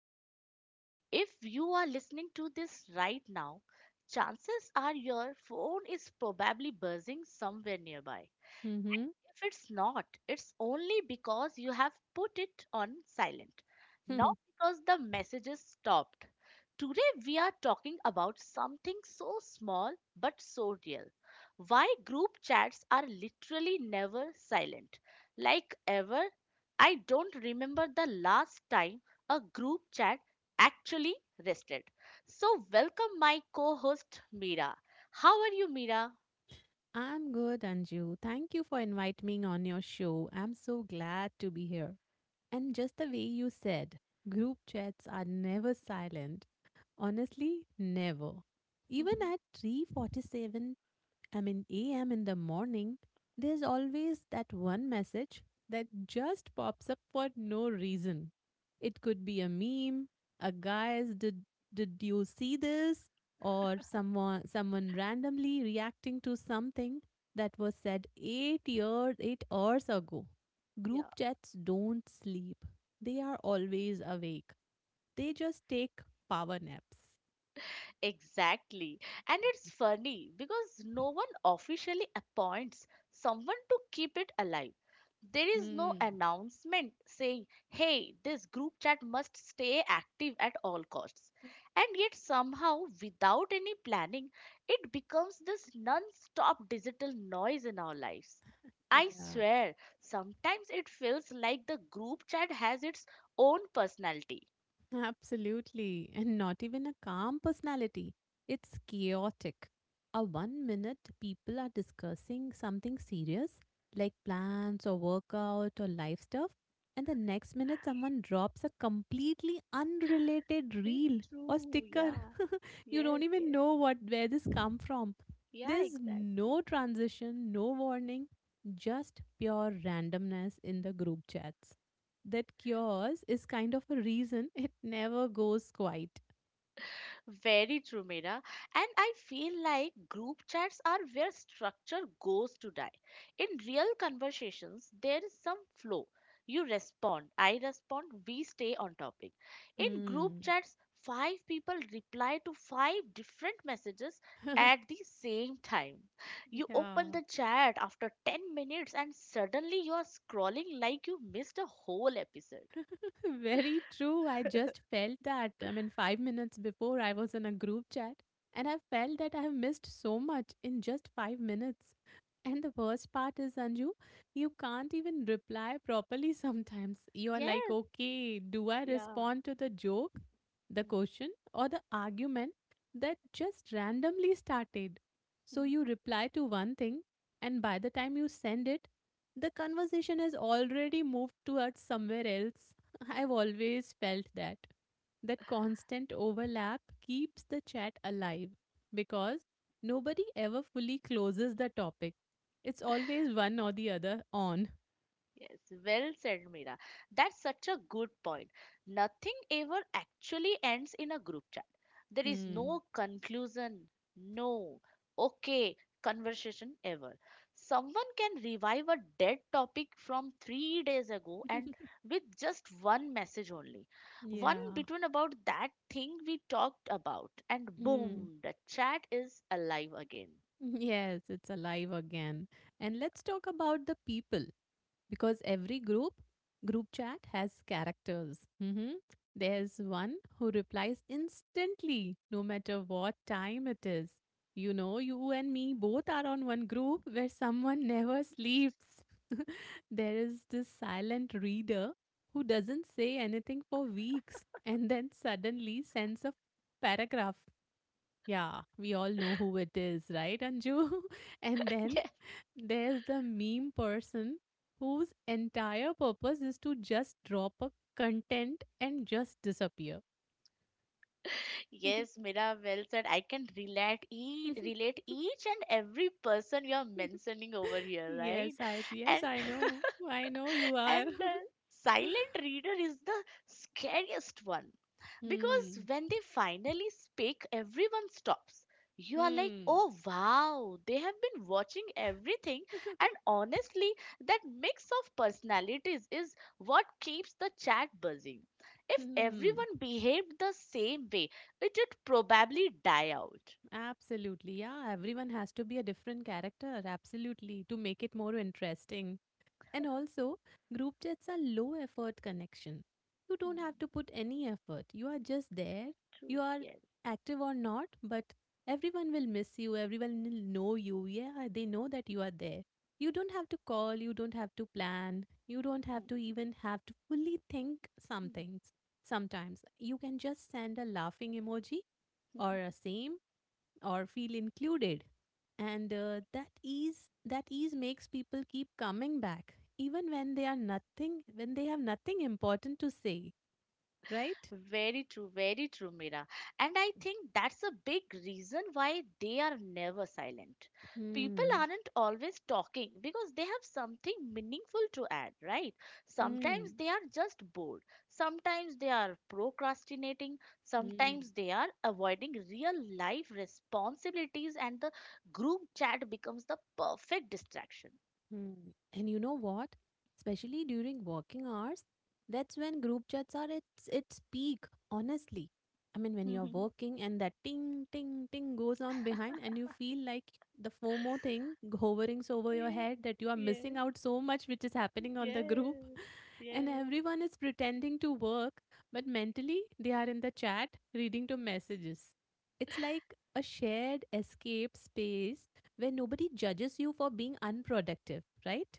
everyone. If you are listening to this right now, chances are your phone is probably buzzing somewhere nearby. Mm-hmm. If it's not, it's only because you have put it on silent, not because the messages stopped. Today, we are talking about something so small but so real. Why group chats are literally never silent. Like ever, I don't remember the last time a group chat actually rested. So, welcome my co host Meera. How are you, Meera? I'm good, Anju. Thank you for inviting me on your show. I'm so glad to be here. And just the way you said, group chats are never silent. Honestly, never. Even at 3:47, I mean, a.m. in the morning, there's always that one message that just pops up for no reason. It could be a meme, a guy's did you see this? Or someone randomly reacting to something that was said 8 hours ago. Yeah. Group chats don't sleep. They are always awake. They just take power naps. Exactly. And it's funny because no one officially appoints someone to keep it alive. There is no Hmm. announcement saying, hey, this group chat must stay active at all costs. And yet, somehow, without any planning, it becomes this non stop digital noise in our lives. I Yeah. swear, sometimes it feels like the group chat has its own personality. Absolutely. And not even a calm personality. It's chaotic. A one minute people are discussing something serious, like plans or workout or life stuff, and the next minute someone drops a completely unrelated Very reel or true. sticker. Yeah. You don't Yes. even Yes. know what where this come from. Yeah, There's exactly. no transition, no warning, just pure randomness in the group chats that cures is kind of a reason it never goes quiet. Very true, Mira. And I feel like group chats are where structure goes to die. In real conversations, there is some flow. You respond, I respond, we stay on topic. In Hmm. group chats, five people reply to five different messages at the same time. You Yeah. open the chat after 10 minutes and suddenly you are scrolling like you missed a whole episode. Very true. I just felt that. I mean, 5 minutes before I was in a group chat and I felt that I have missed so much in just 5 minutes. And the worst part is, Anju, you can't even reply properly sometimes. You are like, Yes. okay, do I Yeah. respond to the joke, the question, or the argument that just randomly started? So Hmm. you reply to one thing, and by the time you send it, the conversation has already moved towards somewhere else. I've always felt that. That constant overlap keeps the chat alive because nobody ever fully closes the topic. It's always one or the other on. Yes, well said, Mira. That's such a good point. Nothing ever actually ends in a group chat. There is Hmm. no conclusion, no okay conversation ever. Someone can revive a dead topic from 3 days ago and with just one message only. One Yeah. between about that thing we talked about, and Hmm. boom, the chat is alive again. Yes, it's alive again. And let's talk about the people because every group chat has characters. Mhm. There's one who replies instantly, no matter what time it is. You know, you and me both are on one group where someone never sleeps. There is this silent reader who doesn't say anything for weeks and then suddenly sends a paragraph. Yeah, we all know who it is, right, Anju? And then there's the meme person whose entire purpose is to just drop a content and just disappear. Yes, Mira, well said. I can relate each and every person you are mentioning over here, yes, right? I yes, And I know. I know you And are. the silent reader is the scariest one, because Hmm. when they finally speak, everyone stops. You are like, Hmm. oh wow, they have been watching everything. And honestly, that mix of personalities is what keeps the chat buzzing. If Hmm. everyone behaved the same way, it would probably die out. Absolutely. Yeah, everyone has to be a different character, absolutely, to make it more interesting. And also, group chats are low effort connection. You don't have Hmm, to put any effort. You are just there. You true, are yes. active or not, but everyone will miss you. Everyone will know you. Yeah, they know that you are there. You don't have to call. You don't have to plan. You don't have Hmm, to even have to fully think some things. Sometimes you can just send a laughing emoji or a hmm. same or feel included and that ease makes people keep coming back even when they have nothing important to say, right? Very true, Mira. And I think that's a big reason why they are never silent. People Mm. aren't always talking because they have something meaningful to add, right? Sometimes Mm. they are just bored. Sometimes they are procrastinating. Mm. Sometimes they are avoiding real life responsibilities, and the group chat becomes the perfect distraction. Hmm. And you know what? Especially during working hours, that's when group chats are its peak, honestly. I mean, when you're working and that ting ting ting goes on behind and you feel like the FOMO thing hovering over your Yes, head that you are yes, missing out so much which is happening on the group. yes, And yes. everyone is pretending to work, but mentally they are in the chat reading to messages. It's like a shared escape space where nobody judges you for being unproductive, right?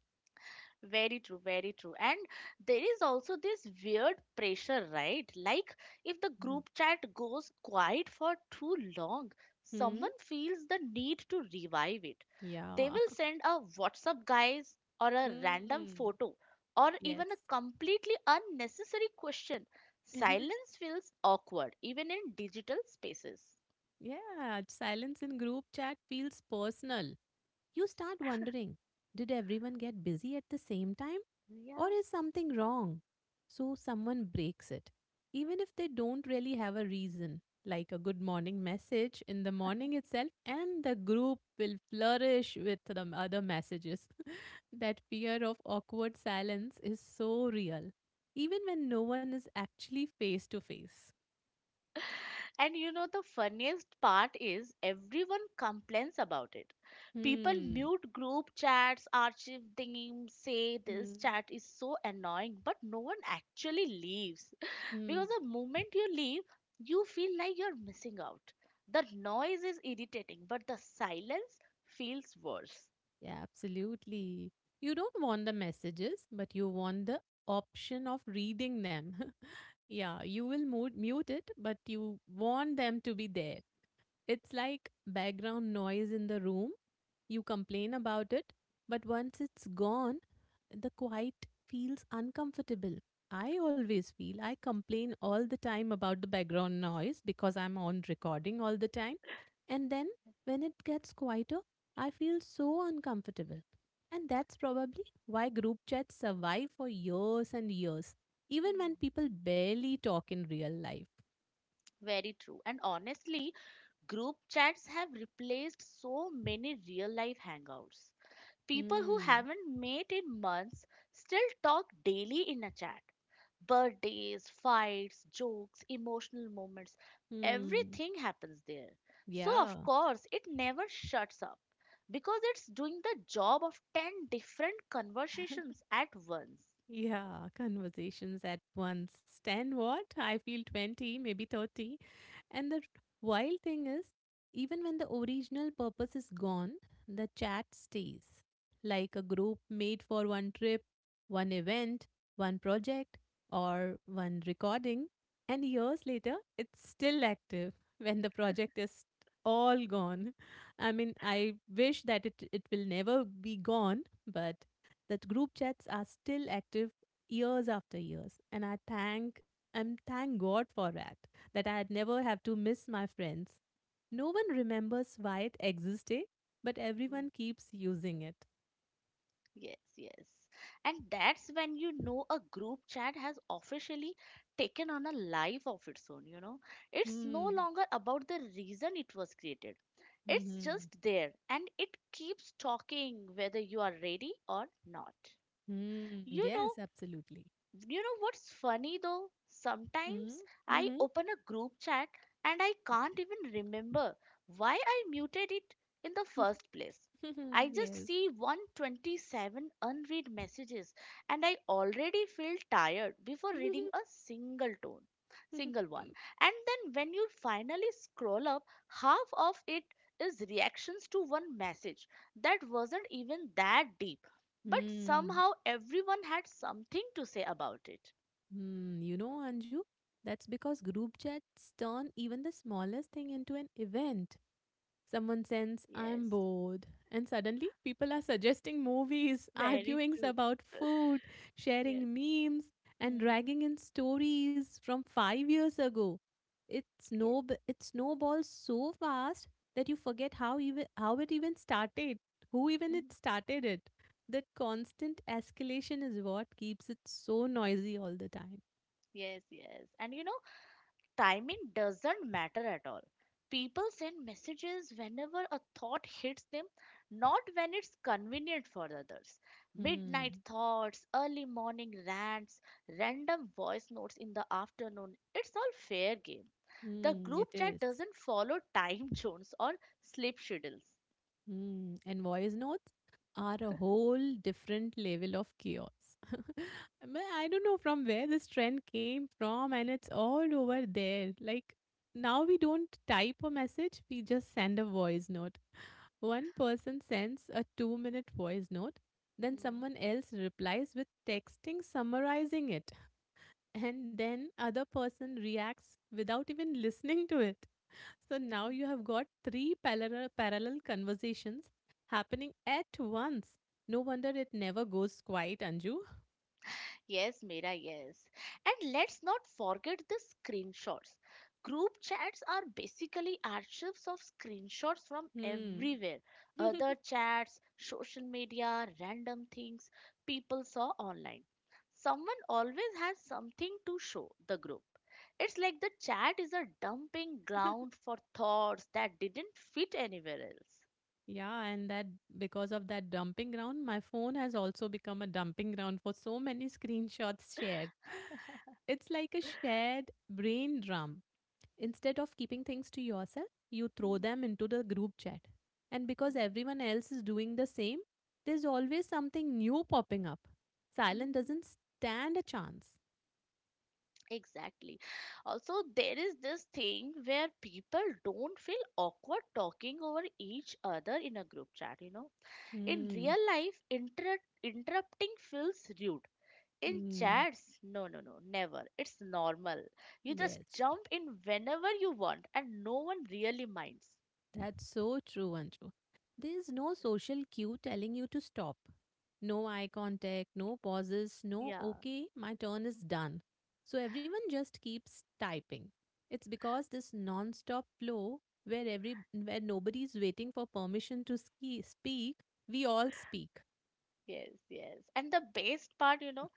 Very true, very true. And there is also this weird pressure, right? Like if the Mhm. group chat goes quiet for too long, Hmm? someone feels the need to revive it. They Yeah. will send a WhatsApp guys or a random Mm. photo or Yes. even a completely unnecessary question. Silence feels awkward even in digital spaces. Yeah. Silence in group chat feels personal. You start wondering, did everyone get busy at the same time? Or Yeah. is something wrong? So someone breaks it, even if they don't really have a reason, like a good morning message in the morning itself, and the group will flourish with the other messages. That fear of awkward silence is so real, even when no one is actually face to face. And the funniest part is everyone complains about it. People Hmm. mute group chats, archive things, say this Hmm. chat is so annoying, but no one actually leaves. Hmm. Because the moment you leave, you feel like you're missing out. The noise is irritating, but the silence feels worse. Yeah, absolutely. You don't want the messages, but you want the option of reading them. Yeah, you will mute, it, but you want them to be there. It's like background noise in the room, you complain about it, but once it's gone, the quiet feels uncomfortable. I always feel I complain all the time about the background noise because I'm on recording all the time. And then when it gets quieter, I feel so uncomfortable. And that's probably why group chats survive for years and years, even when people barely talk in real life. Very true. And honestly, group chats have replaced so many real life hangouts. People who Hmm. haven't met in months still talk daily in a chat. Birthdays, fights, jokes, emotional moments, Hmm. everything happens there. So, of Yeah. course, it never shuts up because it's doing the job of 10 different conversations at once. Yeah, conversations at once. 10 what? I feel 20, maybe 30. And the wild thing is, even when the original purpose is gone, the chat stays. Like a group made for one trip, one event, one project, or one recording. And years later, it's still active when the project is all gone. I mean, I wish that it will never be gone, but that group chats are still active years after years and I thank and thank God for that that I had never have to miss my friends. No one remembers why it existed, but everyone keeps using it. Yes, yes. And that's when you know a group chat has officially taken on a life of its own. It's no Hmm. longer about the reason it was created. It's Mm-hmm. just there and it keeps talking whether you are ready or not. Hmm. You know, Yes, absolutely. you know what's funny though? Hmm. Sometimes I Mm-hmm. open a group chat and I can't even remember why I muted it in the first place. I just Yes. see 127 unread messages and I already feel tired before reading a single one. And then when you finally scroll up, half of it is reactions to one message that wasn't even that deep, but Hmm. somehow everyone had something to say about it. Hmm. You know, Anju, that's because group chats turn even the smallest thing into an event. Someone sends, I'm Yes, bored. And suddenly, people are suggesting movies, very arguing true. about food, Yes. sharing memes, and Hmm. dragging in stories from 5 years ago. Yes. It snowballs so fast that you forget how it even started, who even Mhm. it started it. That constant escalation is what keeps it so noisy all the time. Yes, yes. And timing doesn't matter at all. People send messages whenever a thought hits them, not when it's convenient for others. Midnight Hmm. thoughts, early morning rants, random voice notes in the afternoon, it's all fair game. The Hmm. It group chat is. doesn't follow time zones or sleep schedules. Hmm, and voice notes are a whole different level of chaos. I mean, I don't know from where this trend came from, and it's all over there. Like, now we don't type a message, we just send a voice note. One person sends a 2-minute voice note, then Hmm. someone else replies with texting summarizing it, and then other person reacts without even listening to it. So now you have got three parallel conversations happening at once. No wonder it never goes quiet, Anju. Yes, Mira, yes. And let's not forget the screenshots. Group chats are basically archives of screenshots from Hmm. everywhere, other chats, social media, random things people saw online. Someone always has something to show the group. It's like the chat is a dumping ground for thoughts that didn't fit anywhere else. Yeah, and that because of that dumping ground, my phone has also become a dumping ground for so many screenshots shared. It's like a shared brain drum. Instead of keeping things to yourself, you throw them into the group chat. And because everyone else is doing the same, there's always something new popping up. Silent Mm. doesn't stand a chance. Exactly. Also, there is this thing where people don't feel awkward talking over each other in a group chat. In Hmm. real life, interrupting feels rude. In Hmm. chats, no, no, no, never. It's normal. You just Yes, jump in whenever you want, and no one really minds. that's so true, Anju. There is no social cue telling you to stop. No eye contact, no pauses, no, Yeah, okay, my turn is done. So everyone just keeps typing. It's because this non stop flow where every where nobody's waiting for permission to speak, we all speak. yes, yes. And the best part,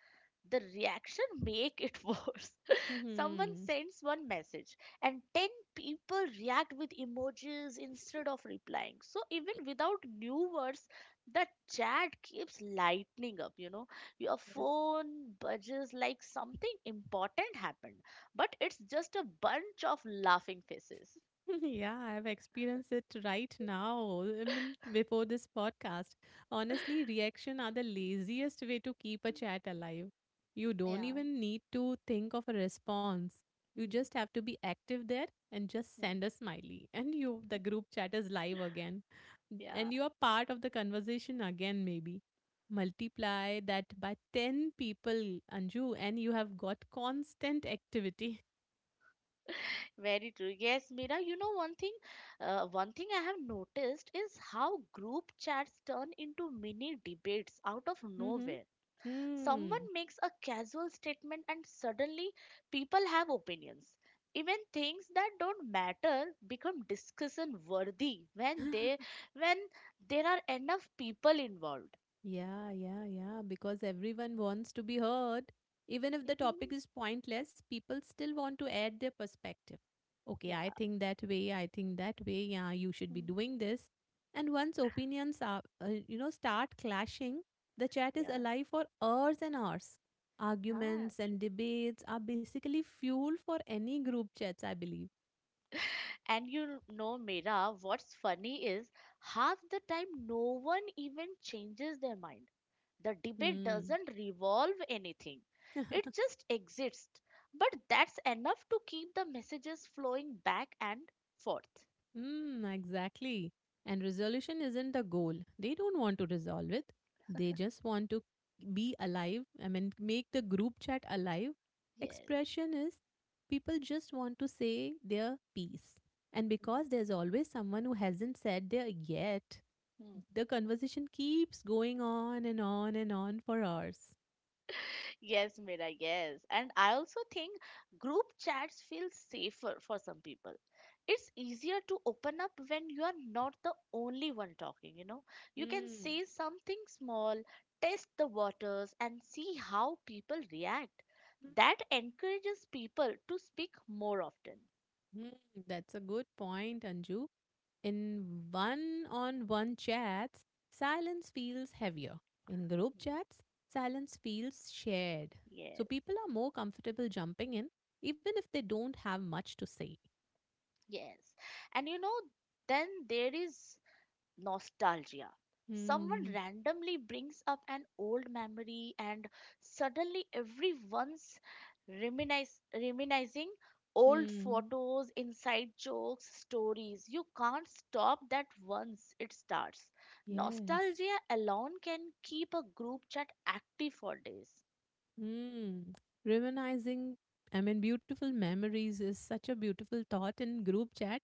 the reaction make it worse. Someone sends one message, and 10 people react with emojis instead of replying. So even without new words, the chat keeps lightening up, you know, your phone budges like something important happened, but it's just a bunch of laughing faces. Yeah, I've experienced it right now. I mean, before this podcast. Honestly, reaction are the laziest way to keep a chat alive. You don't Yeah. even need to think of a response. You just Hmm, have to be active there and just hmm, send a smiley. And you the group chat is live again. yeah. And you are part of the conversation again, maybe. Multiply that by 10 people, Anju, and you have got constant activity. Very true. Yes, Mira, you know one thing I have noticed is how group chats turn into mini debates out of Mm-hmm. nowhere. Hmm. Someone makes a casual statement and suddenly people have opinions. Even things that don't matter become discussion worthy when they when there are enough people involved. Yeah, yeah, yeah. Because everyone wants to be heard. Even if the topic is pointless, people still want to add their perspective. Okay, Yeah, I think that way, I think that way. Yeah, you should be mm, doing this. And once opinions are, start clashing, the chat is yeah, alive for hours and hours. Arguments yeah. and debates are basically fuel for any group chats, I believe. And you know, Mira, what's funny is half the time no one even changes their mind. The debate Hmm. doesn't revolve anything, it just exists. But that's enough to keep the messages flowing back and forth. Mm, exactly. And resolution isn't the goal. They don't want to resolve it. They just want to be alive. I mean, make the group chat alive. Yes. Expression is people just want to say their piece. And because there's always someone who hasn't said their yet, the conversation keeps going on and on and on for hours. Yes, Mira, yes. And I also think group chats feel safer for some people. It's easier to open up when you are not the only one talking, you know. You can Mm. say something small, test the waters, and see how people react. That encourages people to speak more often. Mm, that's a good point, Anju. In one on one chats, silence feels heavier. In group Mm. chats, silence feels shared. So Yes, people are more comfortable jumping in, even if they don't have much to say. yes. And then there is nostalgia. Someone Hmm. randomly brings up an old memory, and suddenly everyone's reminiscing old Hmm. photos, inside jokes, stories. You can't stop that once it starts. Yes. Nostalgia alone can keep a group chat active for days. Mm. Reminiscing, I mean, beautiful memories is such a beautiful thought in group chat,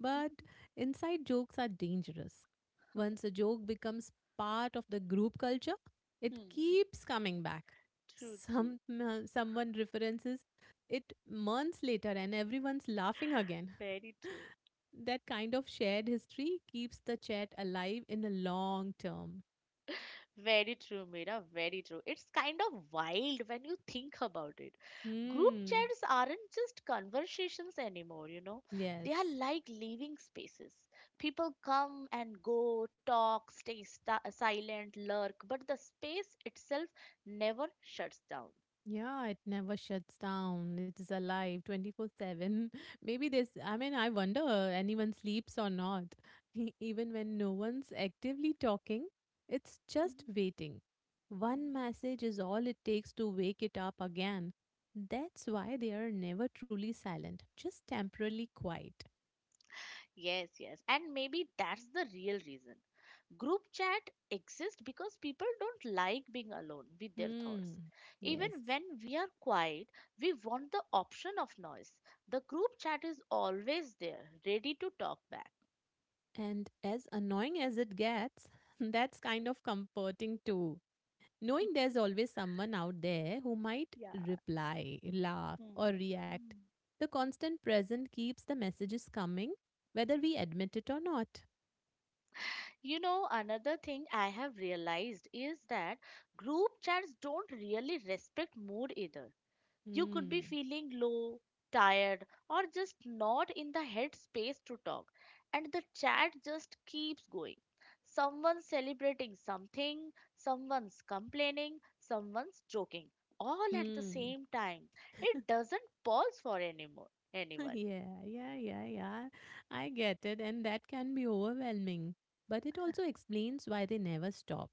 but inside jokes are dangerous. Once a joke becomes part of the group culture, it Hmm, keeps coming back. true, true, Someone references it months later, and everyone's laughing again. very true. That kind of shared history keeps the chat alive in the long term. Very true, Mira. Very true. It's kind of wild when you think about it. Group Hmm. chats aren't just conversations anymore. Yes. They are like living spaces. People come and go, talk, stay sta silent, lurk, but the space itself never shuts down. Yeah, it never shuts down. It is alive 24/7. Maybe I mean, I wonder anyone sleeps or not. Even when no one's actively talking, it's just Mhm. waiting. One message is all it takes to wake it up again. That's why they are never truly silent, just temporarily quiet. Yes, yes. And maybe that's the real reason. Group chat exists because people don't like being alone with their Hmm. thoughts. Even Yes. when we are quiet, we want the option of noise. The group chat is always there, ready to talk back. And as annoying as it gets, that's kind of comforting too. Knowing there's always someone out there who might Yeah. reply, laugh, Hmm. or react. Mm. The constant present keeps the messages coming, whether we admit it or not. You know, another thing I have realized is that group chats don't really respect mood either. You could be Hmm. feeling low, tired, or just not in the headspace to talk, and the chat just keeps going. Someone's celebrating something, someone's complaining, someone's joking, all at the Hmm. same time. It doesn't pause for anymore, anyone. Yeah, yeah, yeah, yeah, I get it, and that can be overwhelming. But it also explains why they never stop.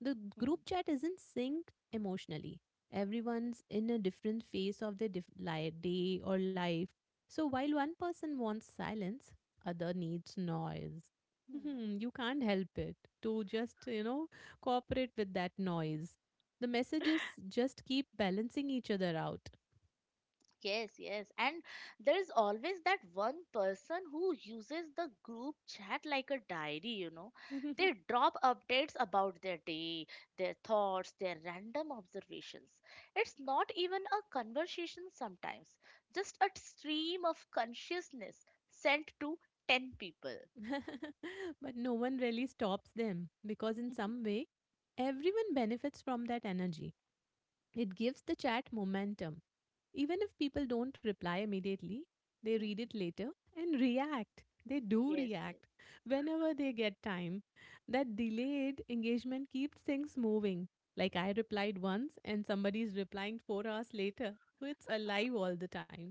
The group Hmm. chat isn't synced emotionally. Everyone's in a different phase of their day or life. So while one person wants silence, other needs noise. Hmm. Mhm. You can't help it to just, cooperate with that noise. The messages just keep balancing each other out. Yes, yes. And there is always that one person who uses the group chat like a diary. They drop updates about their day, their thoughts, their random observations. It's not even a conversation sometimes, just a stream of consciousness sent to 10 people. But no one really stops them because, in some way, everyone benefits from that energy. It gives the chat momentum. Even if people don't reply immediately, they read Hmm. it later and react. They do Yes, yes. react whenever they get time. That delayed engagement keeps things moving. Like I replied once and somebody's replying 4 hours later. So it's alive all the time.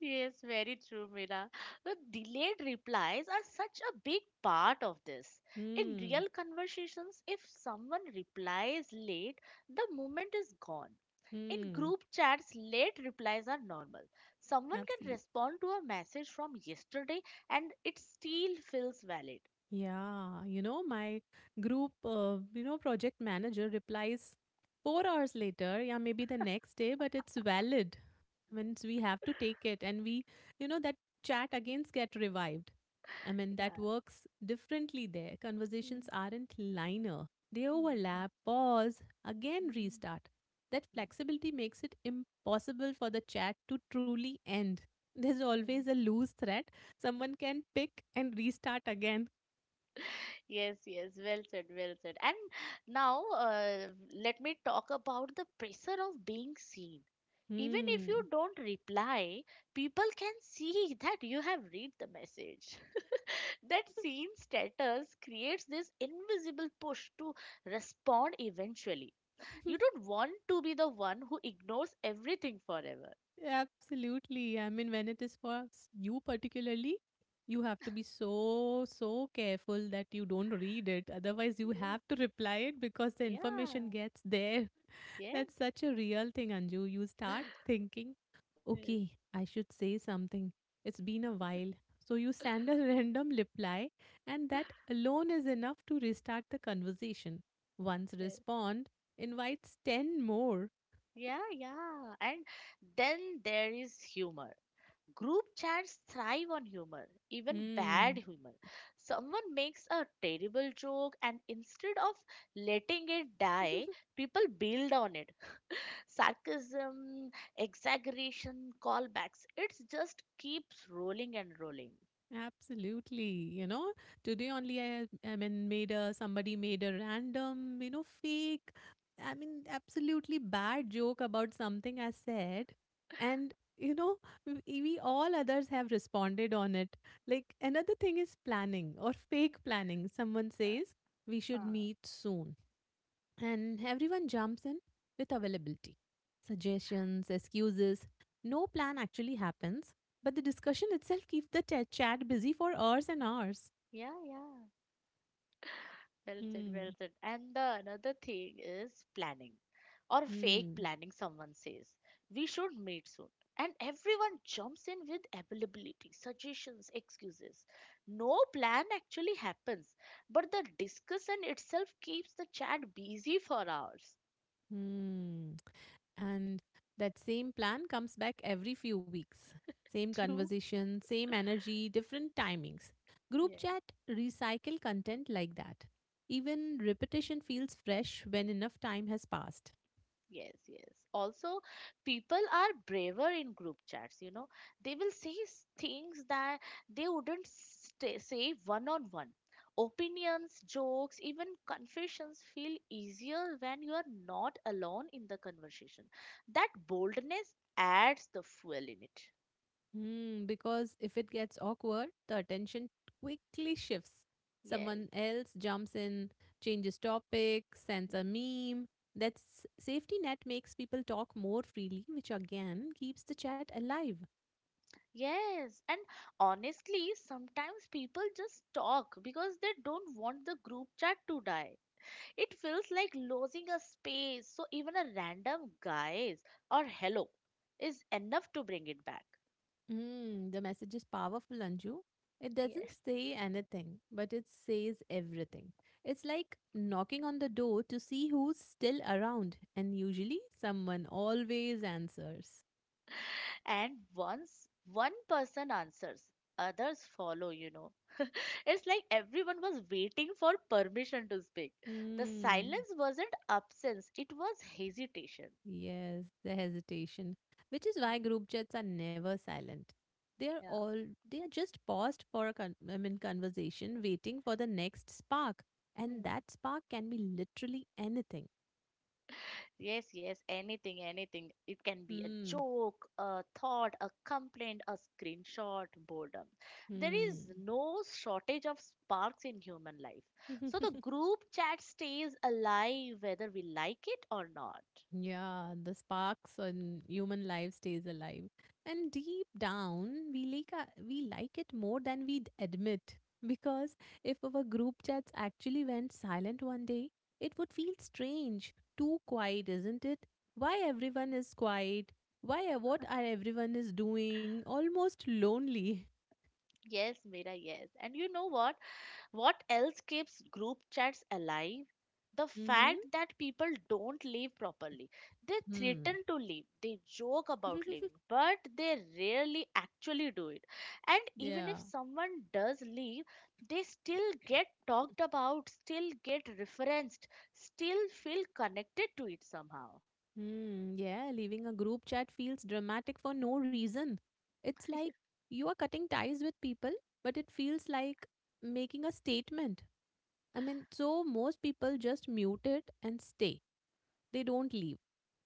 Yes, very true, Meera. The delayed replies are such a big part of this. In Hmm. real conversations, if someone replies late, the moment is gone. In Hmm. group chats, late replies are normal. Someone can Absolutely. respond to a message from yesterday and it still feels valid. Yeah, you know, my group, you know, project manager replies 4 hours later, yeah, maybe the next day, but it's valid. I mean, we have to take it. And we, you know, that chat again get revived. I mean, that Yeah. works differently there. Conversations Mm, aren't liner, they mm, overlap, pause, again mm, restart. That flexibility makes it impossible for the chat to truly end. There's mm, always a mm. loose thread someone can pick and restart again. Yes, yes, well said, well said. And now let me talk about the pressure of being seen. Even if you Hmm. don't reply, people can see that you have read the message. That seen status creates this invisible push to respond eventually. You don't want to be the one who ignores everything forever. Absolutely. I mean, when it is for you particularly, you have to be so, so careful that you don't read it. Otherwise, you Yes, have to reply it because the information yeah, gets there. That's yes, such a real thing, Anju. You start thinking, okay, yes, I should say something. It's been a while. So you send a random reply, and that alone is enough to restart the conversation. Once yes. respond invites 10 more. Yeah, yeah. And then there is humor. Group chats thrive on humor, even bad Mm. humor. Someone makes a terrible joke, and instead of letting it die, people build on it. Sarcasm, exaggeration, callbacks. It just keeps rolling and rolling. Absolutely. You know, today only I mean, made a somebody made a random, you know, fake, I mean, absolutely bad joke about something I said. And, you know, we all others have responded on it. Like another thing is planning or fake planning. Someone Yeah, says we should huh. meet soon and everyone jumps in with availability, suggestions, excuses. No plan actually happens, but the discussion itself keeps the chat busy for hours and hours. Yeah, yeah. Well said, well Hmm. said. And the another thing is planning or fake Hmm. planning, someone says. We should meet soon. And everyone jumps in with availability, suggestions, excuses. No plan actually happens, but the discussion itself keeps the chat busy for hours. Hmm. And that same plan comes back every few weeks. Same True. conversation, same energy, different timings. Group Yeah. chat recycle content like that. Even repetition feels fresh when enough time has passed. Yes, yes. Also, people are braver in group chats. They will say things that they wouldn't sta say one on one. Opinions, jokes, even confessions feel easier when you are not alone in the conversation. That boldness adds the fuel in it. Hmm, because if it gets awkward, the attention quickly shifts. Someone Yes. else jumps in, changes topic, sends a meme. That safety net makes people talk more freely, which again keeps the chat alive. Yes, and honestly, sometimes people just talk because they don't want the group chat to die. It feels like losing a space, so even a random guys or hello is enough to bring it back. Hmm, the message is powerful, Anju. It doesn't Yes. say anything, but it says everything. It's like knocking on the door to see who's still around, and usually someone always answers. And once one person answers, others follow, you know. It's like everyone was waiting for permission to speak. The Hmm. silence wasn't absence, it was hesitation. Yes, the hesitation, which is why group chats are never silent. They are Hmm. all they are just paused for a I mean, conversation, waiting for the next spark, Yeah. and that spark can be literally anything. Yes, anything. It can be a Hmm. joke, a thought, a complaint, a screenshot, boredom. There Hmm. is no shortage of sparks in human life. So the group chat stays alive whether we like it or not. Yeah, the sparks on human life stays alive. And deep down, we we like it more than we'd admit. Because if our group chats actually went silent one day, it would feel strange. Too quiet, isn't it? Why everyone is quiet? Why what are everyone is doing? Almost lonely. Yes, Mira, yes. And you know what? What else keeps group chats alive? The Mm-hmm. fact that people don't leave properly. They Hmm. threaten to leave, they joke about leaving, but they rarely actually do it. And even Yeah. if someone does leave, they still get talked about, still get referenced, still feel connected to it somehow. Hmm, yeah, leaving a group chat feels dramatic for no reason. It's like you are cutting ties with people, but it feels like making a statement. I mean, so most people just mute it and stay. They don't leave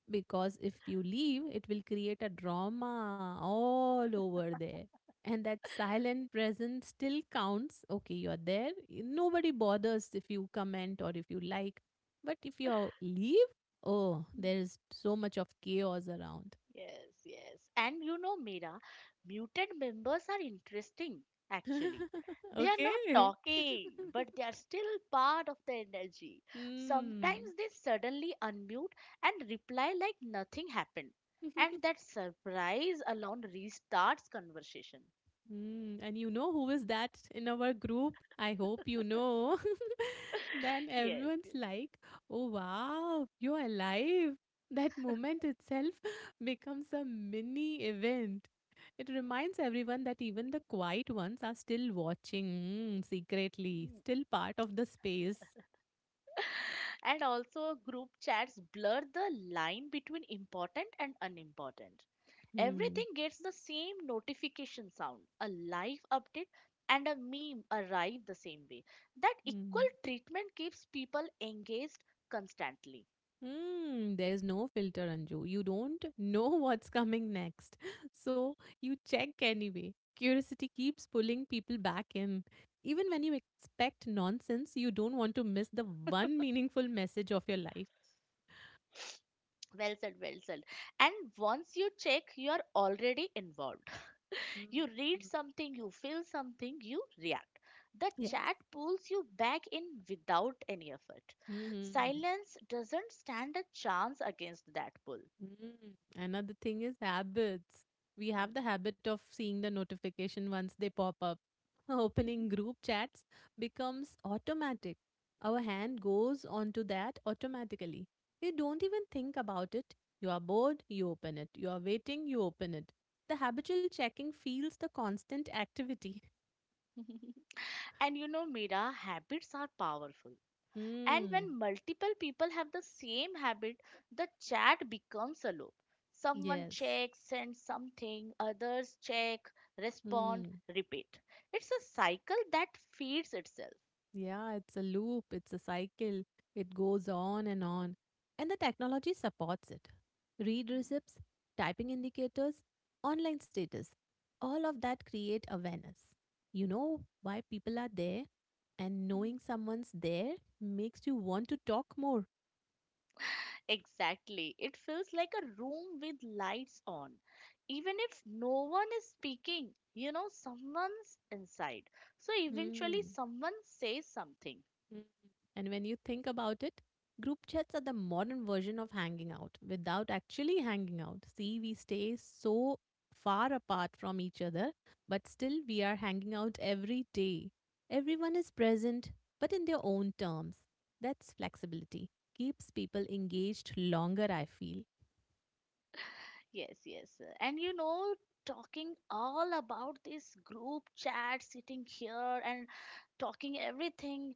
because if you leave, it will create a drama all over there. And that silent presence still counts. Okay, you're there. Nobody bothers if you comment or if you like. But if you leave, oh, there is so much of chaos around. Yes, yes. And you know, Mira, muted members are interesting, actually. They are not Okay. talking, but they are still part of the energy. Hmm. Sometimes they suddenly unmute and reply like nothing happened. And that surprise alone restarts conversation. Mm, and you know who is that in our group? I hope you know. Then Yes, everyone's yes. like, oh wow, you're alive. That moment itself becomes a mini event. It reminds everyone that even the quiet ones are still watching mm, secretly, Mm. still part of the space. And also, group chats blur the line between important and unimportant. Everything Mm, gets the same notification sound. A live update and a meme arrive the same way. That equal mm. treatment keeps people engaged constantly. Hmm. There is no filter, Anju. You don't know what's coming next. So you check anyway. Curiosity keeps pulling people back in. Even when you expect nonsense, you don't want to miss the one meaningful message of your life. Well said, well said. And once you check, you are already involved. You read Mm, something, you feel something, you react. The yes. chat pulls you back in without any effort. Hmm. Silence doesn't stand a chance against that pull. Mm. Another thing is habits. We have the habit of seeing the notification once they pop up. Hmm. Opening group chats becomes automatic. Our hand goes onto that automatically. You don't even think about it. You are bored, you open it. You are waiting, you open it. The habitual checking feels the constant activity. And you know, Mira, habits are powerful. And Hmm. when multiple people have the same habit, the chat becomes a loop. Someone Yes. checks, sends something, others check, respond, Hmm. repeat. It's a cycle that feeds itself. Yeah, it's a loop, it's a cycle. It goes on. And the technology supports it. Read receipts, typing indicators, online status. All of that create awareness. You know why people are there and Mm. knowing someone's there makes you want to talk more. Exactly. It feels like a room with lights on. Even if no one is speaking, you know, someone's inside. So eventually, Hmm. someone says something. Mm. And when you think about it, group chats are the modern version of hanging out without actually hanging out. See, we stay so far apart from each other, but still we are hanging out every day. Everyone is present, but in their own terms. That's flexibility. Keeps people engaged longer, I feel. Yes, yes. And you know, talking all about this group chat, sitting here and talking everything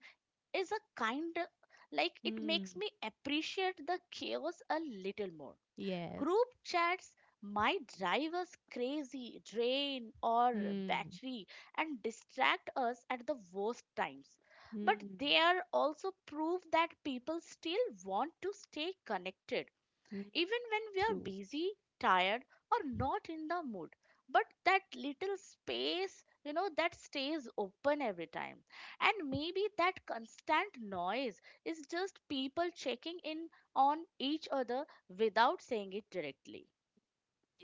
is a kind of like it Hmm. makes me appreciate the chaos a little more. Yes. Group chats might drive us crazy, drain or Hmm. battery, and distract us at the worst times. But they Hmm. are also proof that people still want to stay connected Hmm. even when we are True. busy, tired, or not in the mood. But that little space, you know, that stays open every time. And maybe that constant noise is just people checking in on each other without saying it directly.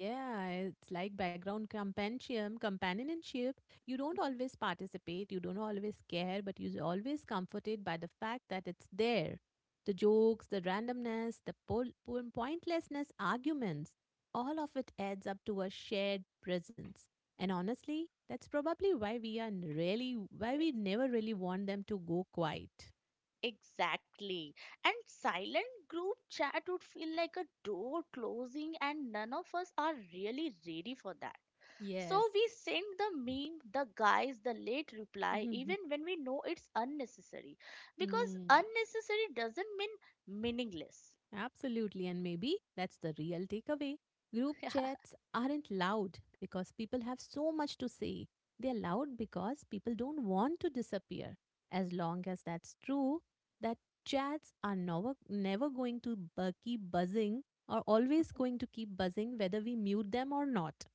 Yeah, it's like background companionship. You don't always participate, you don't always care, but you're always comforted by the fact that it's there. The jokes, the randomness, the pointlessness, arguments, all of it adds up to a shared presence. And honestly, that's probably why really, why Yes, we never really want them to go quiet. exactly. And silent group chat would feel like a door closing, and none of us are really ready for that. Yes. So we send the meme, the guys, the late reply, even when we know it's unnecessary. Because Hmm. unnecessary doesn't mean meaningless. Absolutely, and maybe that's the real takeaway. Group chats aren't loud because people have so much to say. They are loud because people don't want to disappear. As long as that's true, that chats are never, never going to keep buzzing or always going to keep buzzing whether we mute them or not.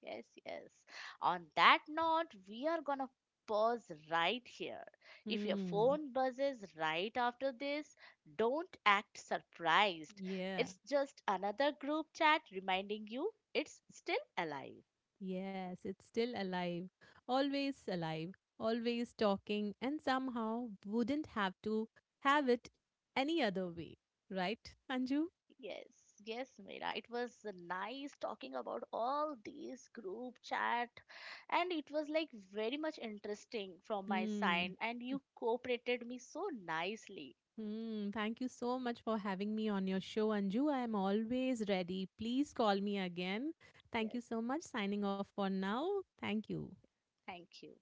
Yes, yes. On that note, we are gonna pause right here. If your Hmm, phone buzzes right after this, don't act surprised. yeah. It's just another group chat reminding you it's still alive. Yes, it's still alive, always talking, and somehow wouldn't have to have it any other way, right, Anju? Yes, yes, Mira. It was nice talking about all these group chat, and it was like very much interesting from my Hmm. side, and you cooperated me so nicely. Hmm. Thank you so much for having me on your show, Anju. I am always ready. Please call me again. Thank Yes, you so much. Signing off for now. Thank you. thank you.